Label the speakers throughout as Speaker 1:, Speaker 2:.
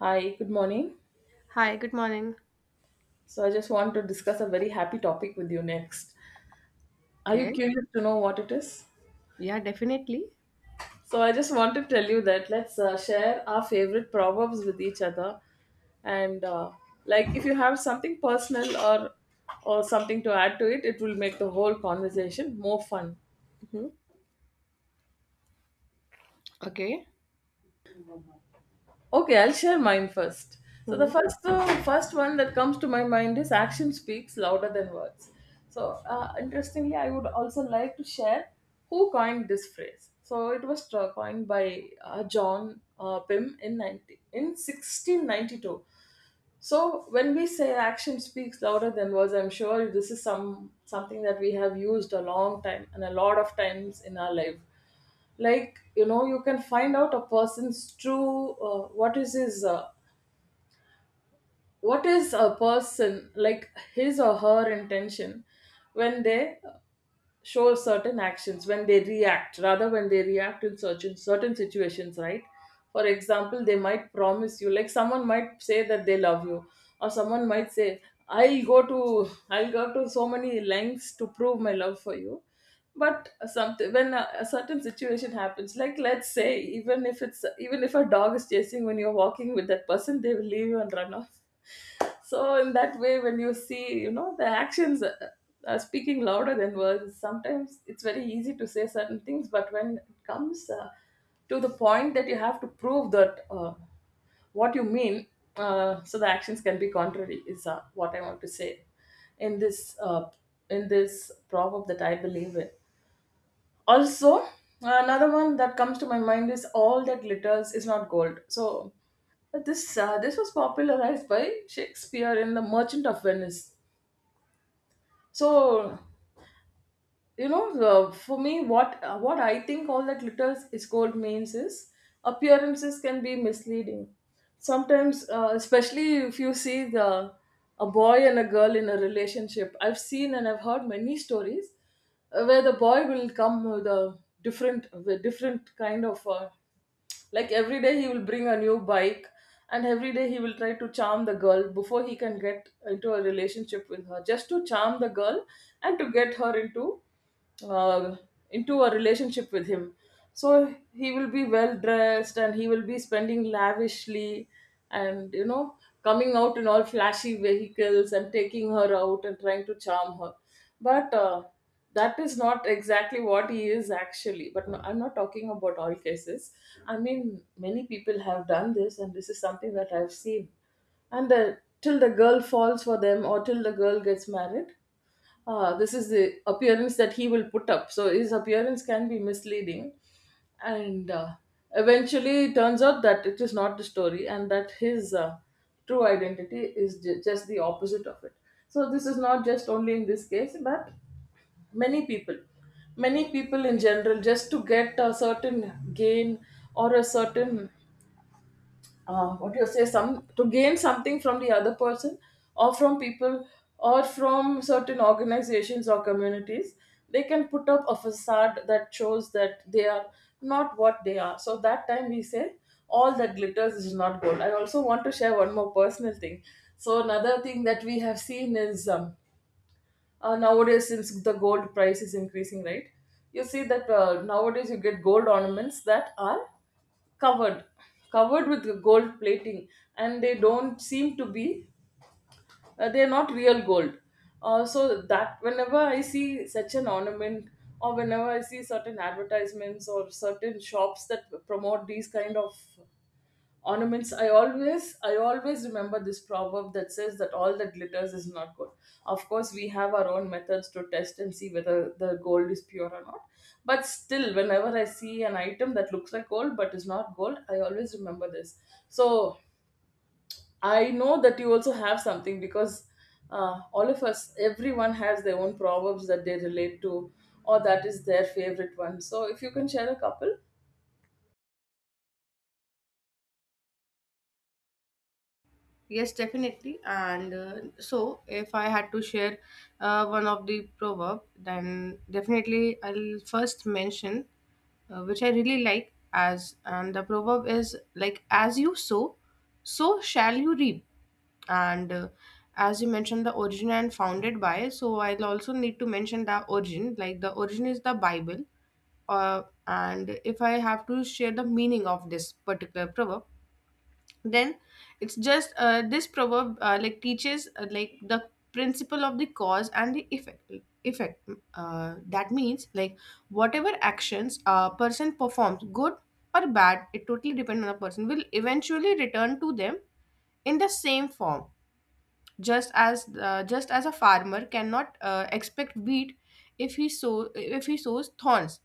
Speaker 1: Hi, good morning.
Speaker 2: Hi, good morning.
Speaker 1: So I just want to discuss a very happy topic with you next. Are you
Speaker 2: Okay.
Speaker 1: curious to know what it is?
Speaker 2: Yeah, definitely.
Speaker 1: So I just want to tell you that let's share our favorite proverbs with each other, and like if you have something personal or something to add to it, it will make the whole conversation more fun.
Speaker 2: Hmm. Okay.
Speaker 1: Okay, I'll share mine first. So the
Speaker 2: Hmm.
Speaker 1: first one that comes to my mind is action speaks louder than words. So interestingly, I would also like to share who coined this phrase. So it was coined by John Pym in 90, in 1692. So when we say action speaks louder than words, I'm sure this is something that we have used a long time and a lot of times in our life like you know you can find out a person's true what is his what is a person like his or her intention when they show certain actions when they react, rather when they react in certain situations, right? For example, they might promise you, like someone might say that they love you, or someone might say I'll go to so many lengths to prove my love for you, but something when a certain situation happens, like let's say, even if a dog is chasing when you're walking with that person, they will leave you and run off. So in that way, when you see, you know, the actions are speaking louder than words. Sometimes it's very easy to say certain things, but when it comes to the point that you have to prove that what you mean, so the actions can be contrary is what I want to say in this uh, in this proverb that I believe in. Also, another one that comes to my mind is all that glitters is not gold. So this was popularized by Shakespeare in The Merchant of Venice. So, you know, the, for me what I think all that glitter is gold means is appearances can be misleading sometimes, especially if you see the a boy and a girl in a relationship. I've seen and I've heard many stories where the boy will come with a different with different kind of like every day he will bring a new bike, and every day he will try to charm the girl before he can get into a relationship with her, just to charm the girl and to get her uh, into a relationship with him. So he will be well dressed and he will be spending lavishly, and, you know, coming out in all flashy vehicles and taking her out and trying to charm her. But that is not exactly what he is actually. But no, I'm not talking about all cases. I mean, many people have done this and this is something that I've seen, and till the girl falls for them or till the girl gets married, this is the appearance that he will put up, so his appearance can be misleading. And eventually it turns out that it is not the story and that his true identity is just the opposite of it. So this is not just only in this case, but many people, many people in general, just to get a certain gain or a certain what do you say, some to gain something from the other person or from people or from certain organizations or communities, they can put up a facade that shows that they are not what they are. So that time we say all that glitters is not gold. I also want to share one more personal thing. So another thing that we have seen is nowadays, since the gold price is increasing, right? You see that nowadays you get gold ornaments that are covered covered with gold plating, and they don't seem to be they're not real gold. So that whenever I see such an ornament, or whenever I see certain advertisements or certain shops that promote these kind of ornaments, I always remember this proverb that says that all that glitters is not gold. Of course, we have our own methods to test and see whether the gold is pure or not, but still whenever I see an item that looks like gold but is not gold, I always remember this. So I know that you also have something because all of us, everyone has their own proverbs that they relate to or that is their favorite one. So if you can share a couple.
Speaker 2: Yes, definitely. And so, if I had to share one of the proverb, then definitely I'll first mention which I really like as and the proverb is like as you sow, so shall you reap. And as you mentioned the origin and founded by, so I'll also need to mention the origin. Like the origin is the Bible, and if I have to share the meaning of this particular proverb, then it's just this proverb like teaches like the principle of the cause and the effect. Effect that means like whatever actions a person performs, good or bad, it totally depends on the person, will eventually return to them in the same form just as a farmer cannot expect wheat if he sows thorns,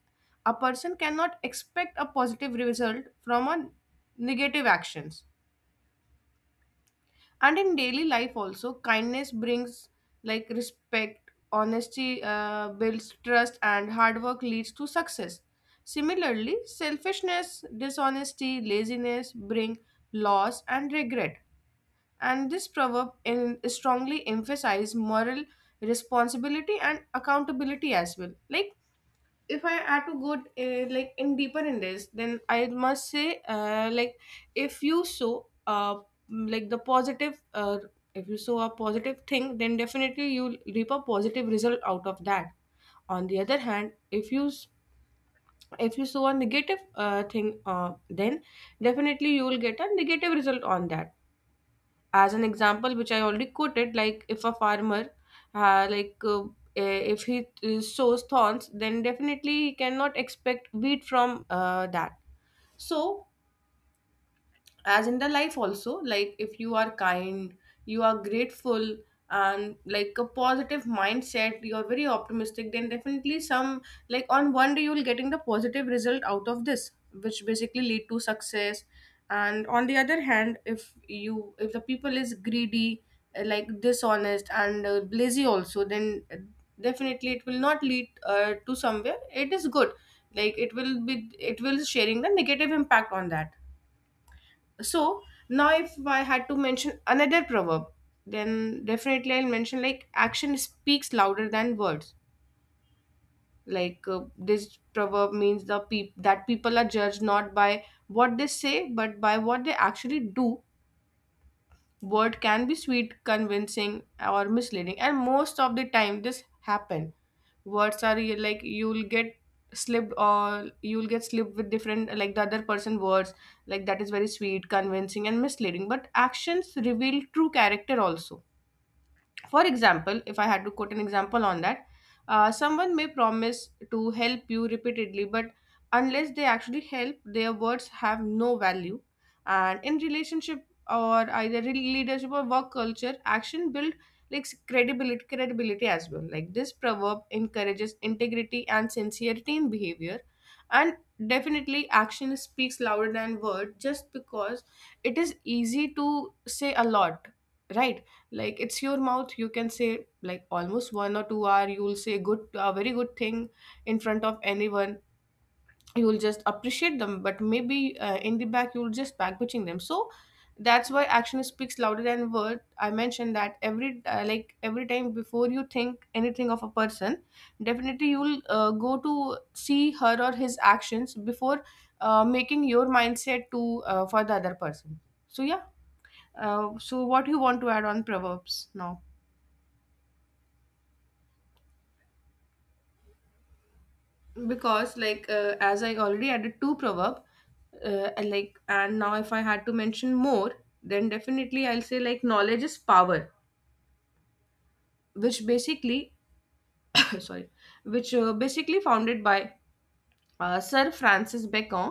Speaker 2: a person cannot expect a positive result from a negative actions. And in daily life also, kindness brings like respect, honesty builds trust, and hard work leads to success. Similarly, selfishness, dishonesty, laziness bring loss and regret. And this proverb in, strongly emphasize moral responsibility and accountability as well. Like if I had to go like in deeper in this, then I must say like if you sow like the positive if you sow a positive thing, then definitely you'll reap a positive result out of that. On the other hand, if you sow a negative thing, then definitely you will get a negative result on that. As an example, which I already quoted, like if a farmer uh, like uh, if he sows thorns, then definitely he cannot expect wheat from that. So as in the life also, like if you are kind, you are grateful, and like a positive mindset, you're very optimistic, then definitely some like on one day you'll getting the positive result out of this, which basically lead to success. And on the other hand, if the people is greedy, like dishonest and lazy also, then definitely it will not lead to somewhere it is good. Like it will be, it will sharing the negative impact on that. So now if I had to mention another proverb, then definitely I'll mention like action speaks louder than words. Like this proverb means that people are judged not by what they say, but by what they actually do. Word can be sweet, convincing, or misleading, and most of the time this happen. Like you'll get slipped with different, like the other person words, like that is very sweet, convincing, and misleading. But actions reveal true character also. For example, if I had to quote an example on that, someone may promise to help you repeatedly, but unless they actually help, their words have no value. And in relationship, or either leadership, or work culture, action build like credibility, credibility as well. Like this proverb encourages integrity and sincerity in behavior, and definitely action speaks louder than word, just because it is easy to say a lot, right? Like it's your mouth, you can say like almost 1 or 2 hour you'll say good, a very good thing in front of anyone, you'll just appreciate them, but maybe in the back you'll just backbitching them. So that's why action speaks louder than word, I mentioned that every like every time before you think anything of a person, definitely you'll go to see her or his actions before making your mindset to for the other person. So yeah, so what you want to add on proverbs now, because like as I already added two proverb, and like and now if I had to mention more, then definitely I'll say like knowledge is power, which basically sorry, which basically founded by Sir Francis Bacon.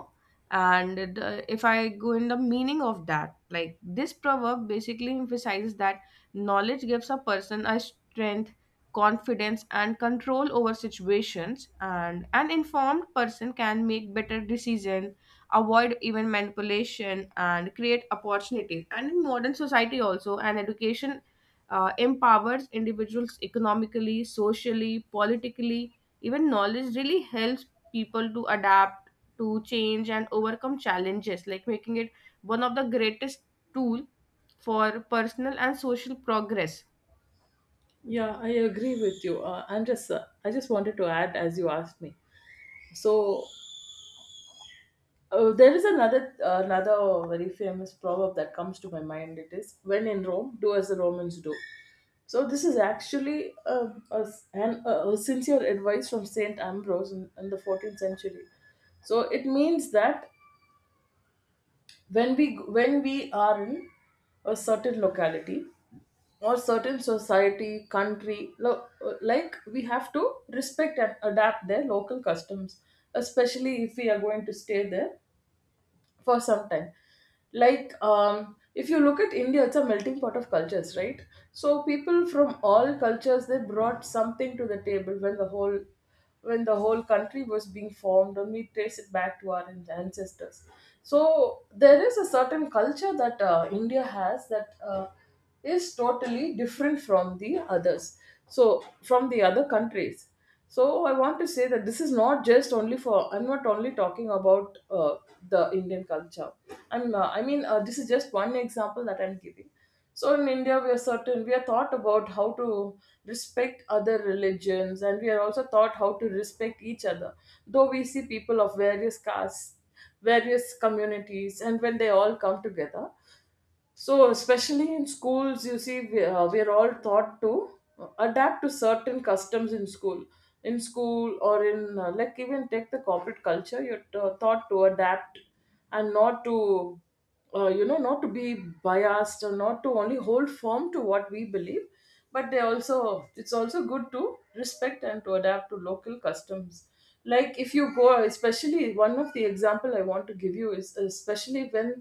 Speaker 2: If I go in the meaning of that, like this proverb basically emphasizes that knowledge gives a person a strength, confidence, and control over situations. And an informed person can make better decisions, avoid even manipulation, and create opportunities. And in modern society, also, an education empowers individuals economically, socially, politically, even knowledge really helps people to adapt to change and overcome challenges, like making it one of the greatest tool for personal and social progress.
Speaker 1: Yeah, I agree with you. And just, I just wanted to add, as you asked me. So there is another very famous proverb that comes to my mind. It is when in Rome, do as the Romans do. So this is actually a, s- an, a sincere advice from Saint Ambrose in the 14th century. So it means that when we are in a certain locality, or certain society, country, like we have to respect and adapt their local customs, especially if we are going to stay there for some time. Like, if you look at India, it's a melting pot of cultures, right? So people from all cultures, they brought something to the table when the whole country was being formed, and we trace it back to our ancestors. So there is a certain culture that India has that is totally different from the others, so from the other countries. So I want to say that this is not just only for, I'm not only talking about the Indian culture. I'm I mean This is just one example that I'm giving. So in India, we are certain, we are taught about how to respect other religions, and we are also taught how to respect each other, though we see people of various castes, various communities, and when they all come together. So especially in schools, you see, we are all taught to adapt to certain customs in school. In school, or in like even take the corporate culture, you're taught to adapt and not to, you know, not to be biased or not to only hold firm to what we believe, but they also, it's also good to respect and to adapt to local customs. Like if you go, especially one of the example I want to give you is especially when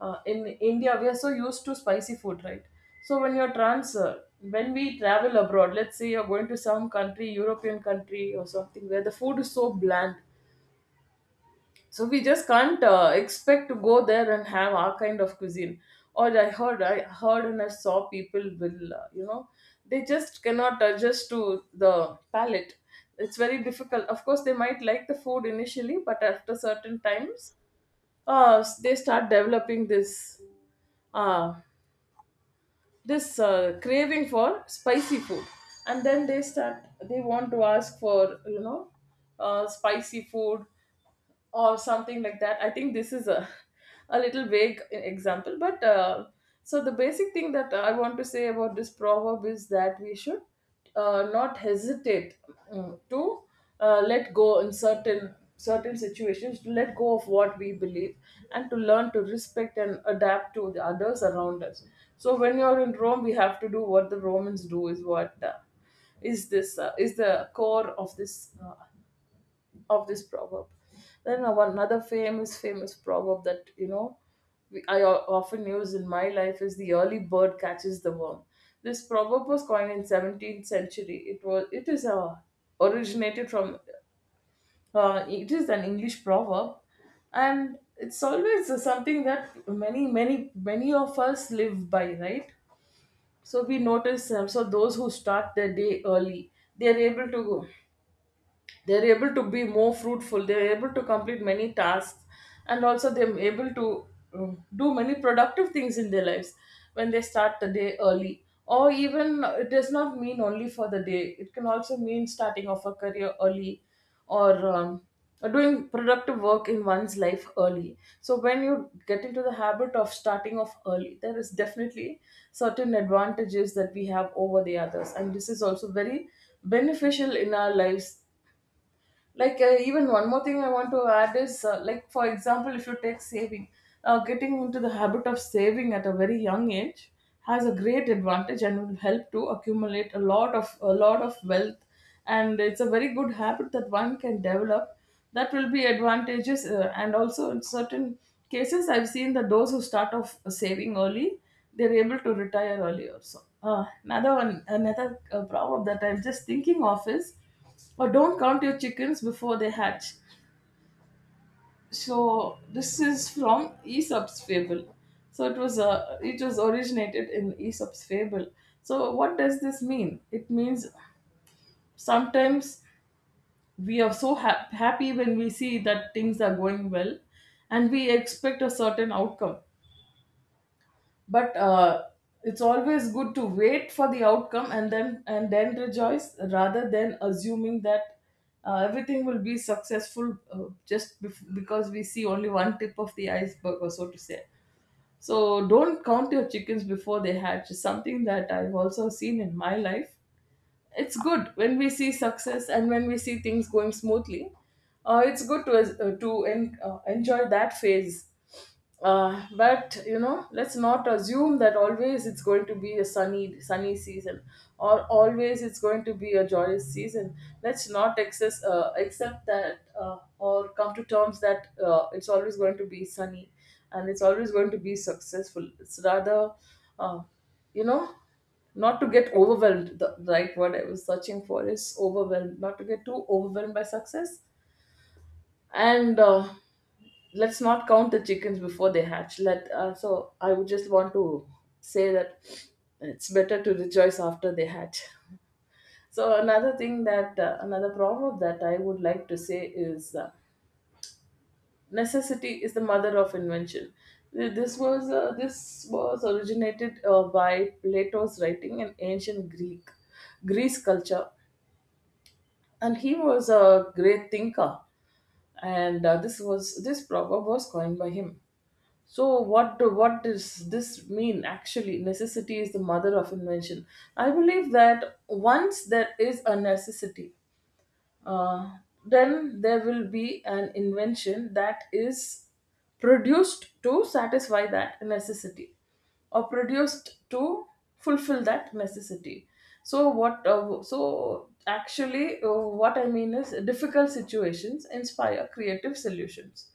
Speaker 1: in India we are so used to spicy food, right? So when you're trans when we travel abroad, let's say you're going to some country, European country or something, where the food is so bland. So we just can't expect to go there and have our kind of cuisine. Or I heard and I saw people will, you know, they just cannot adjust to the palate. It's very difficult. Of course, they might like the food initially, but after certain times, they start developing this. Uh, craving for spicy food, and then they want to ask for, you know, spicy food or something like that. I think this is a, a little vague example, but so the basic thing that I want to say about this proverb is that we should not hesitate, to let go in certain situations, to let go of what we believe and to learn to respect and adapt to the others around us. So when you're in Rome, we have to do what the Romans do is what is the core of this proverb. Then our another, famous, famous proverb that, you know, I often use in my life is the early bird catches the worm. This proverb was coined in 17th century. It is originated from it is an English proverb, and it's always something that many of us live by, right? So we notice them. So those who start their day early, they are able to they're able to be more fruitful, they're able to complete many tasks, and also they're able to do many productive things in their lives when they start the day early. Or even it does not mean only for the day, it can also mean starting off a career early, or or doing productive work in one's life early. So when you get into the habit of starting off early, there is definitely certain advantages that we have over the others, and this is also very beneficial in our lives. Like, even one more thing I want to add is, like for example, if you take saving, getting into the habit of saving at a very young age has a great advantage and will help to accumulate a lot of wealth, and it's a very good habit that one can develop, that will be advantages. Uh, and also in certain cases, I've seen that those who start off saving early, they're able to retire early also. Uh, another one, another problem that I'm just thinking of is, or don't count your chickens before they hatch. So this is from Aesop's fable. So it was originated in Aesop's fable. So what does this mean? It means sometimes we are so happy when we see that things are going well, and we expect a certain outcome. But it's always good to wait for the outcome and then rejoice, rather than assuming that everything will be successful, just because we see only one tip of the iceberg, or so to say. So don't count your chickens before they hatch is something that I've also seen in my life. It's good when we see success and when we see things going smoothly. Uh, it's good to enjoy that phase. Uh, but you know, let's not assume that always it's going to be a sunny season, or always it's going to be a joyous season. Let's not accept that or come to terms that it's always going to be sunny and it's always going to be successful. It's rather, uh, you know not to get overwhelmed. The right word I was searching for is overwhelmed. Not to get too overwhelmed by success. And let's not count the chickens before they hatch. Let So I would just want to say that it's better to rejoice after they hatch. So another thing that another proverb that I would like to say is, necessity is the mother of invention. This was originated by Plato's writing in ancient Greek Greece culture, and he was a great thinker, and this was this proverb was coined by him. So what does this mean actually? Necessity is the mother of invention. I believe that once there is a necessity, uh, then there will be an invention that is produced to satisfy that necessity, or produced to fulfill that necessity. So what? So actually, what I mean is, difficult situations inspire creative solutions.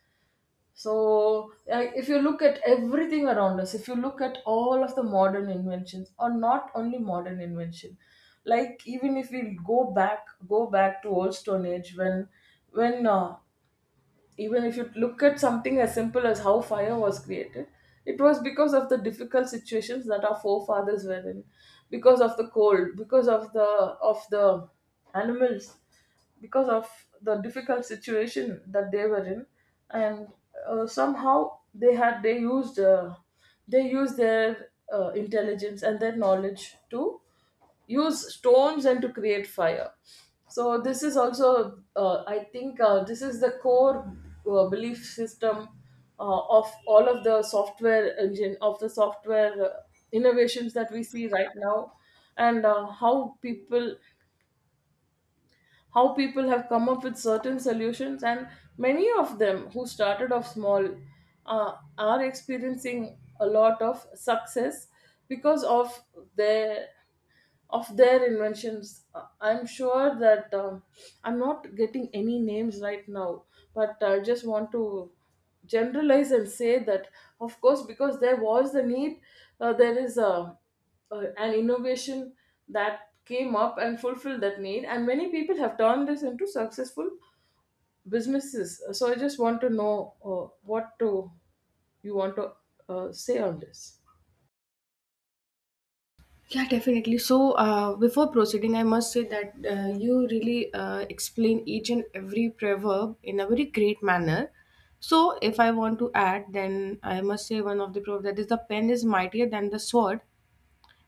Speaker 1: So, if you look at everything around us, if you look at all of the modern inventions, or not only modern invention, like even if we go back, to old Stone Age, when, when uh, even if you look at something as simple as how fire was created, it was because of the difficult situations that our forefathers were in, because of the cold, because of the animals, because of the difficult situation that they were in, and somehow they used their intelligence and their knowledge to use stones and to create fire. So this is also, I think, this is the core belief system of all of the software innovations that we see right now, and how people have come up with certain solutions, and many of them who started off small, are experiencing a lot of success because of their inventions. I'm sure that I'm not getting any names right now, but I just want to generalize and say that, of course, because there was the need, there is a an innovation that came up and fulfilled that need, and many people have turned this into successful businesses. So I just want to know, uh, what to, you want to say on this.
Speaker 2: Yeah, definitely. So, before proceeding, I must say that you really explain each and every proverb in a very great manner. So, if I want to add, then I must say one of the proverbs that is the pen is mightier than the sword,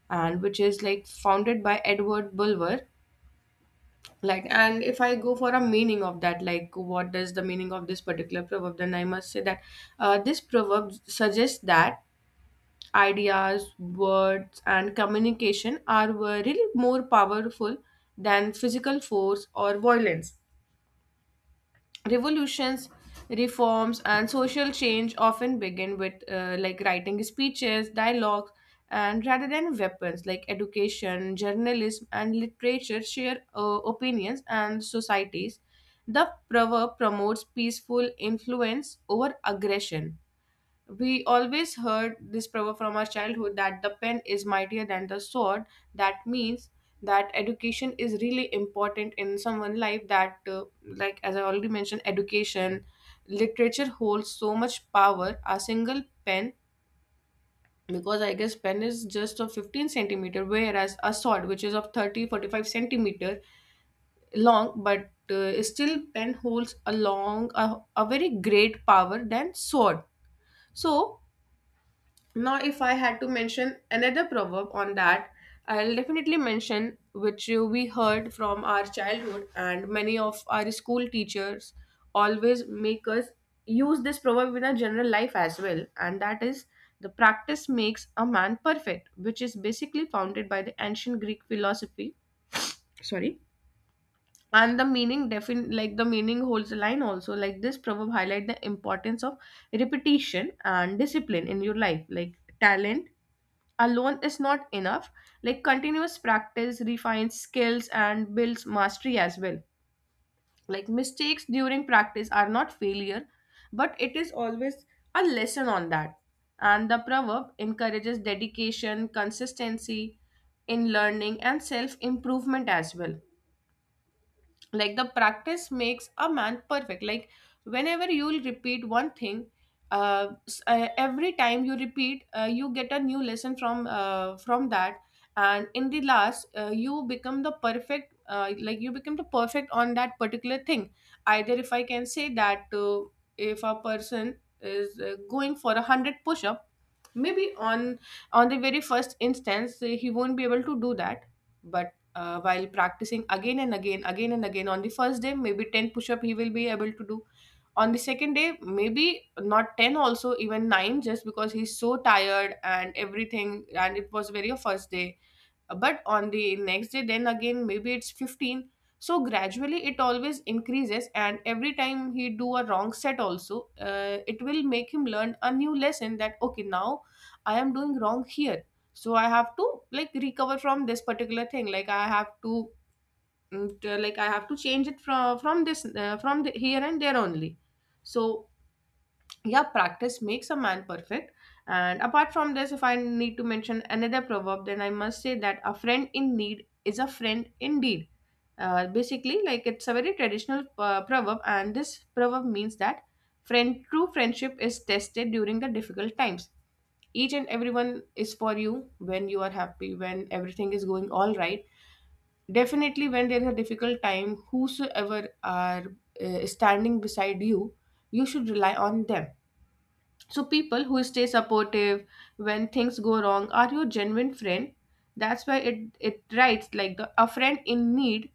Speaker 2: and which is like founded by Edward Bulwer. Like and if I go for a meaning of that, like what does the meaning of this particular proverb, then I must say that this proverb suggests that ideas, words, and communication are really more powerful than physical force or violence. Revolutions, reforms, and social change often begin with like writing, speeches, dialogues, and rather than weapons, like education, journalism, and literature share opinions and societies. The proverb promotes peaceful influence over aggression. We always heard this proverb from our childhood that the pen is mightier than the sword. That means that education is really important in someone's life. That, like as I already mentioned, education, literature holds so much power. A single pen, because I guess pen is just of 15 centimeter, whereas a sword, which is of 30 45 centimeter long, but still pen holds a long, a very great power than sword. So now, if I had to mention another proverb on that, I'll definitely mention which we heard from our childhood, and many of our school teachers always make us use this proverb in our general life as well, and that is the practice makes a man perfect, which is basically founded by the ancient Greek philosophy. Sorry. And the meaning defin like the meaning holds a line also. Like this proverb highlight the importance of repetition and discipline in your life. Like talent alone is not enough. Like continuous practice refines skills and builds mastery as well. Like mistakes during practice are not failure, but it is always a lesson on that. And the proverb encourages dedication, consistency in learning and self improvement as well. Like the practice makes a man perfect. Like whenever you'll repeat one thing, every time you repeat you get a new lesson from that, and in the last you become the perfect, like you become the perfect on that particular thing. Either if I can say that, if a person is going for a 100 push-up, maybe on the very first instance he won't be able to do that. But while practicing again and again, on the first day maybe 10 push up he will be able to do, on the second day maybe not 10 also, even 9, just because he's so tired and everything and it was very first day, but on the next day then again maybe it's 15. So gradually it always increases, and every time he do a wrong set also, it will make him learn a new lesson that okay, now I am doing wrong here, so I have to like recover from this particular thing. Like I have to like I have to change it from this, from the, here and there only. So yeah, practice makes a man perfect. And apart from this, if I need to mention another proverb, then I must say that a friend in need is a friend indeed. Basically, like it's a very traditional proverb, and this proverb means that friend true friendship is tested during the difficult times. Each and everyone is for you when you are happy, when everything is going all right. Definitely when there is a difficult time, whosoever are standing beside you, you should rely on them. So people who stay supportive when things go wrong are your genuine friend. That's why it writes like a friend in need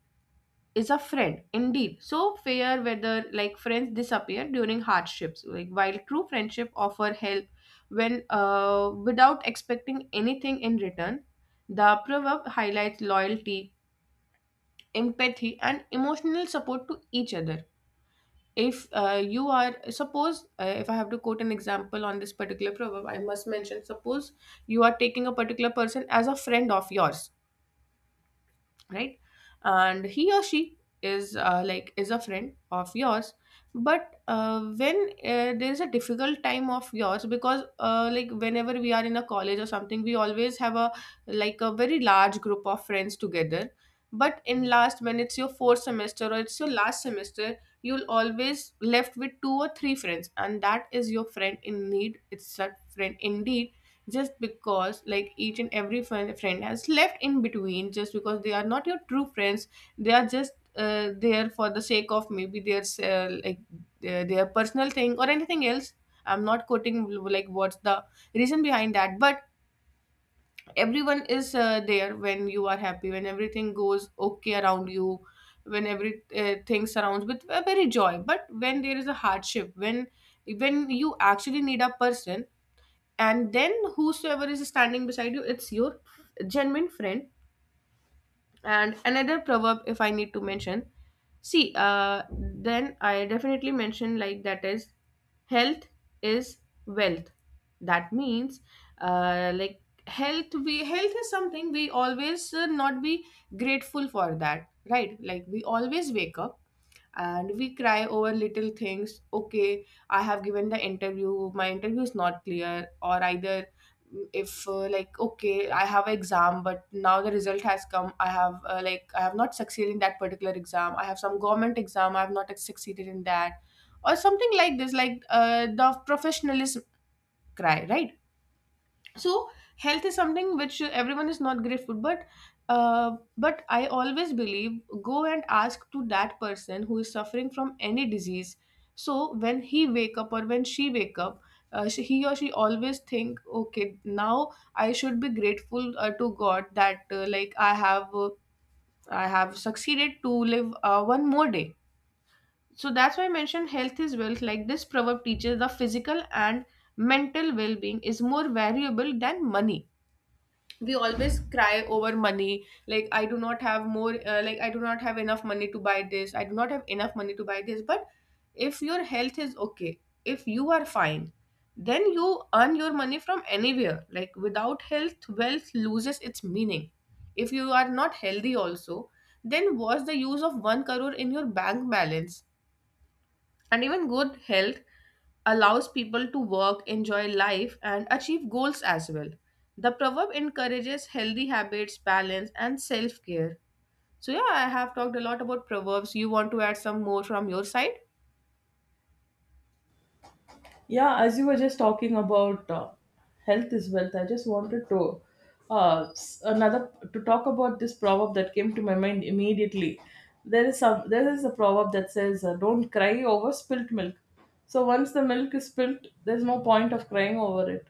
Speaker 2: is a friend indeed. So fair whether like friends disappear during hardships, like while true friendship offer help when without expecting anything in return. The proverb highlights loyalty, empathy, and emotional support to each other. If you are suppose if I have to quote an example on this particular proverb, I must mention, suppose you are taking a particular person as a friend of yours, right? And he or she is like is a friend of yours, but when there is a difficult time of yours, because like whenever we are in a college or something, we always have a like a very large group of friends together. But in last, when it's your fourth semester or it's your last semester, you'll always left with two or three friends, and that is your friend in need, it's a friend indeed, just because like each and every friend has left in between, just because they are not your true friends. They are just there for the sake of maybe their their personal thing or anything else. I'm not quoting like what's the reason behind that, but everyone is there when you are happy, when everything goes okay around you, when every thing surrounds with a very joy. But when there is a hardship, when you actually need a person, and then whosoever is standing beside you, it's your genuine friend. And another proverb if I need to mention, see then I definitely mention like that is health is wealth. That means, like health is something we always not be grateful for that, right? Like we always wake up and we cry over little things. Okay, I have given the interview, my interview is not clear, or either if like okay, I have an exam, but now the result has come, I have like I have not succeeded in that particular exam, I have some government exam, I have not succeeded in that, or something like this, like the professionalism cry, right? So health is something which everyone is not grateful, but I always believe, go and ask to that person who is suffering from any disease. So when he wake up, or when she wake up, he or she always think, okay, now I should be grateful to god that like I have I have succeeded to live one more day. So that's why I mentioned health is wealth. Like this proverb teaches the physical and mental well-being is more valuable than money. We always cry over money, like I do not have more, like I do not have enough money to buy this, I do not have enough money to buy this, but if your health is okay, if you are fine, then you earn your money from anywhere. Like without health, wealth loses its meaning. If you are not healthy also, then what's the use of 1 crore in your bank balance? And even good health allows people to work, enjoy life, and achieve goals as well. The proverb encourages healthy habits, balance, and self care. So yeah, I have talked a lot about proverbs. You want to add some more from your side?
Speaker 1: Yeah, as you were just talking about health is wealth, I just wanted to s- another to talk about this proverb that came to my mind immediately. There is some, there is a proverb that says, "Don't cry over spilt milk." So once the milk is spilt, there's no point of crying over it.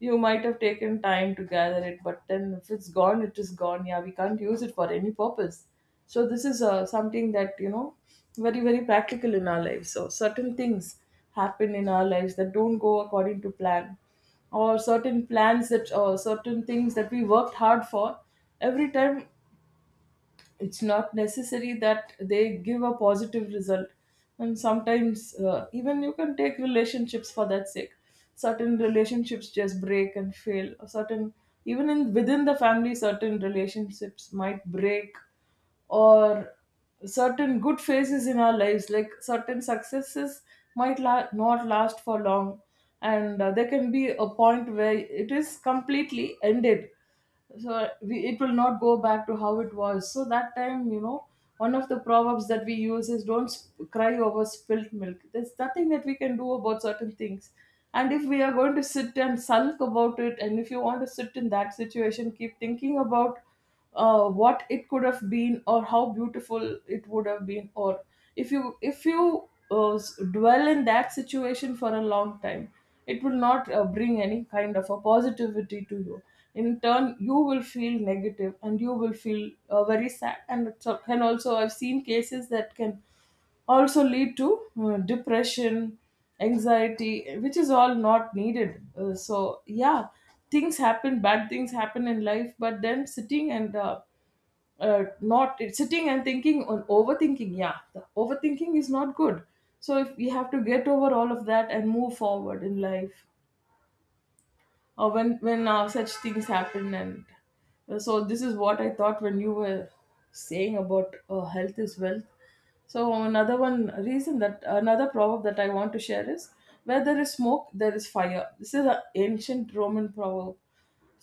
Speaker 1: You might have taken time to gather it, but then if it's gone, it is gone. Yeah, we can't use it for any purpose. So this is something that, you know, very practical in our lives. So certain things happen in our lives that don't go according to plan, or certain plans that, or certain things that we worked hard for every time, it's not necessary that they give a positive result. And sometimes even you can take relationships for that sake. Certain relationships just break and fail, or certain, even in within the family, certain relationships might break, or certain good phases in our lives, like certain successes might not last for long, and there can be a point where it is completely ended. So we, it will not go back to how it was. So that time, you know, one of the proverbs that we use is, don't cry over spilt milk. There's nothing that we can do about certain things, and if we are going to sit and sulk about it, and if you want to sit in that situation, keep thinking about what it could have been, or how beautiful it would have been, or if you dwell in that situation for a long time, it will not bring any kind of a positivity to you. In turn, you will feel negative, and you will feel very sad, and it's, and also I've seen cases that can also lead to depression, anxiety, which is all not needed. So, yeah, things happen, bad things happen in life, but then sitting and uh, not sitting and thinking on overthinking. Yeah, the overthinking is not good. So if we have to get over all of that and move forward in life, when such things happen, and so this is what I thought when you were saying about health is wealth. So another proverb that I want to share is, where there is smoke there is fire. This is an ancient Roman proverb.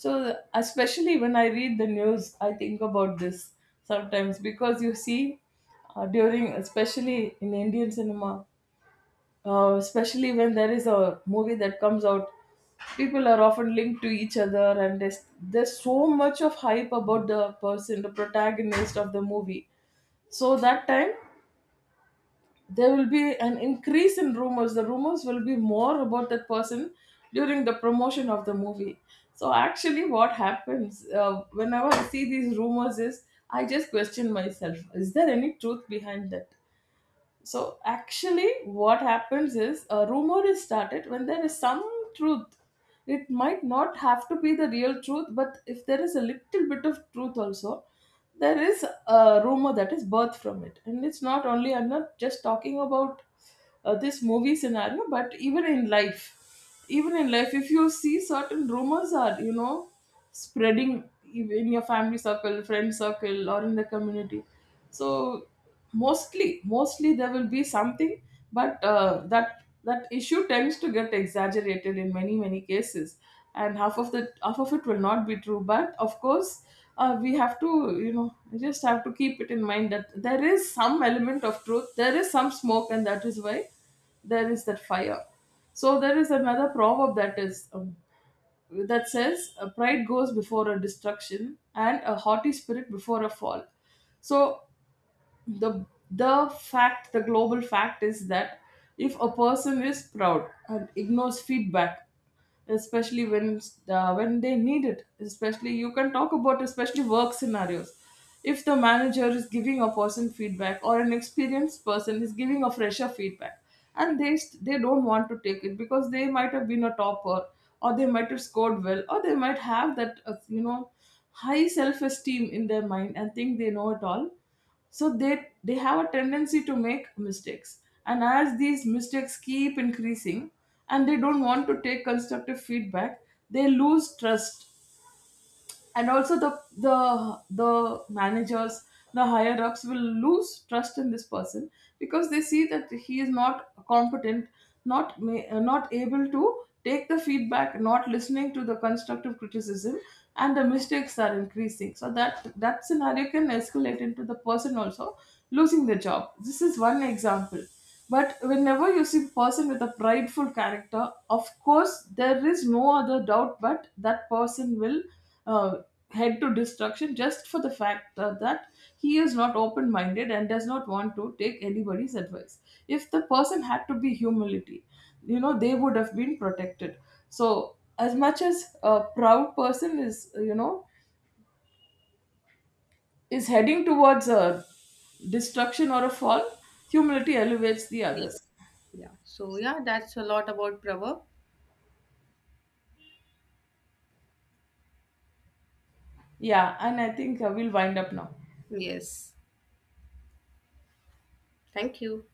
Speaker 1: So especially when I read the news, I think about this sometimes, because you see, during, especially in Indian cinema, especially when there is a movie that comes out, people are often linked to each other, and there's so much of hype about the person, the protagonist of the movie. So that time there will be an increase in rumors. The rumors will be more about that person during the promotion of the movie. So actually what happens, whenever I see these rumors, is I just question myself, is there any truth behind that? So actually, what happens is a rumor is started when there is some truth. It might not have to be the real truth, but if there is a little bit of truth also, there is a rumor that is birthed from it. And it's not only, I'm not just talking about this movie scenario, but even in life, even in life if you see certain rumors are, you know, spreading in your family circle, friend circle, or in the community. So mostly there will be something, but that, that issue tends to get exaggerated in many cases, and half of it will not be true. But of course, we have to, you know, we just have to keep it in mind that there is some element of truth, there is some smoke, and that is why there is that fire. So there is another proverb that is that says, "A pride goes before a destruction, and a haughty spirit before a fall." So the the fact, the global fact is that, if a person is proud and ignores feedback, especially when they need it, especially, you can talk about especially work scenarios, if the manager is giving a person feedback, or an experienced person is giving a fresher feedback, and they don't want to take it because they might have been a topper, or they might have scored well, or they might have that you know, high self esteem in their mind and think they know it all. So they have a tendency to make mistakes, and as these mistakes keep increasing, and they don't want to take constructive feedback, they lose trust. And also the managers, the higher ups will lose trust in this person because they see that he is not competent, not able to take the feedback, not listening to the constructive criticism, and the mistakes are increasing. So that scenario can escalate into the person also losing the job. This is one example. But whenever you see person with a prideful character, of course there is no other doubt but that person will uh, head to destruction, just for the fact that he is not open-minded and does not want to take anybody's advice. If the person had to be humility, you know, they would have been protected. So as much as a proud person is, you know, is heading towards a destruction or a fall, humility elevates the
Speaker 2: Yeah.
Speaker 1: others.
Speaker 2: Yeah. So yeah, that's a lot about proverb.
Speaker 1: Yeah, and I think we'll wind up now.
Speaker 2: Yes. Thank you.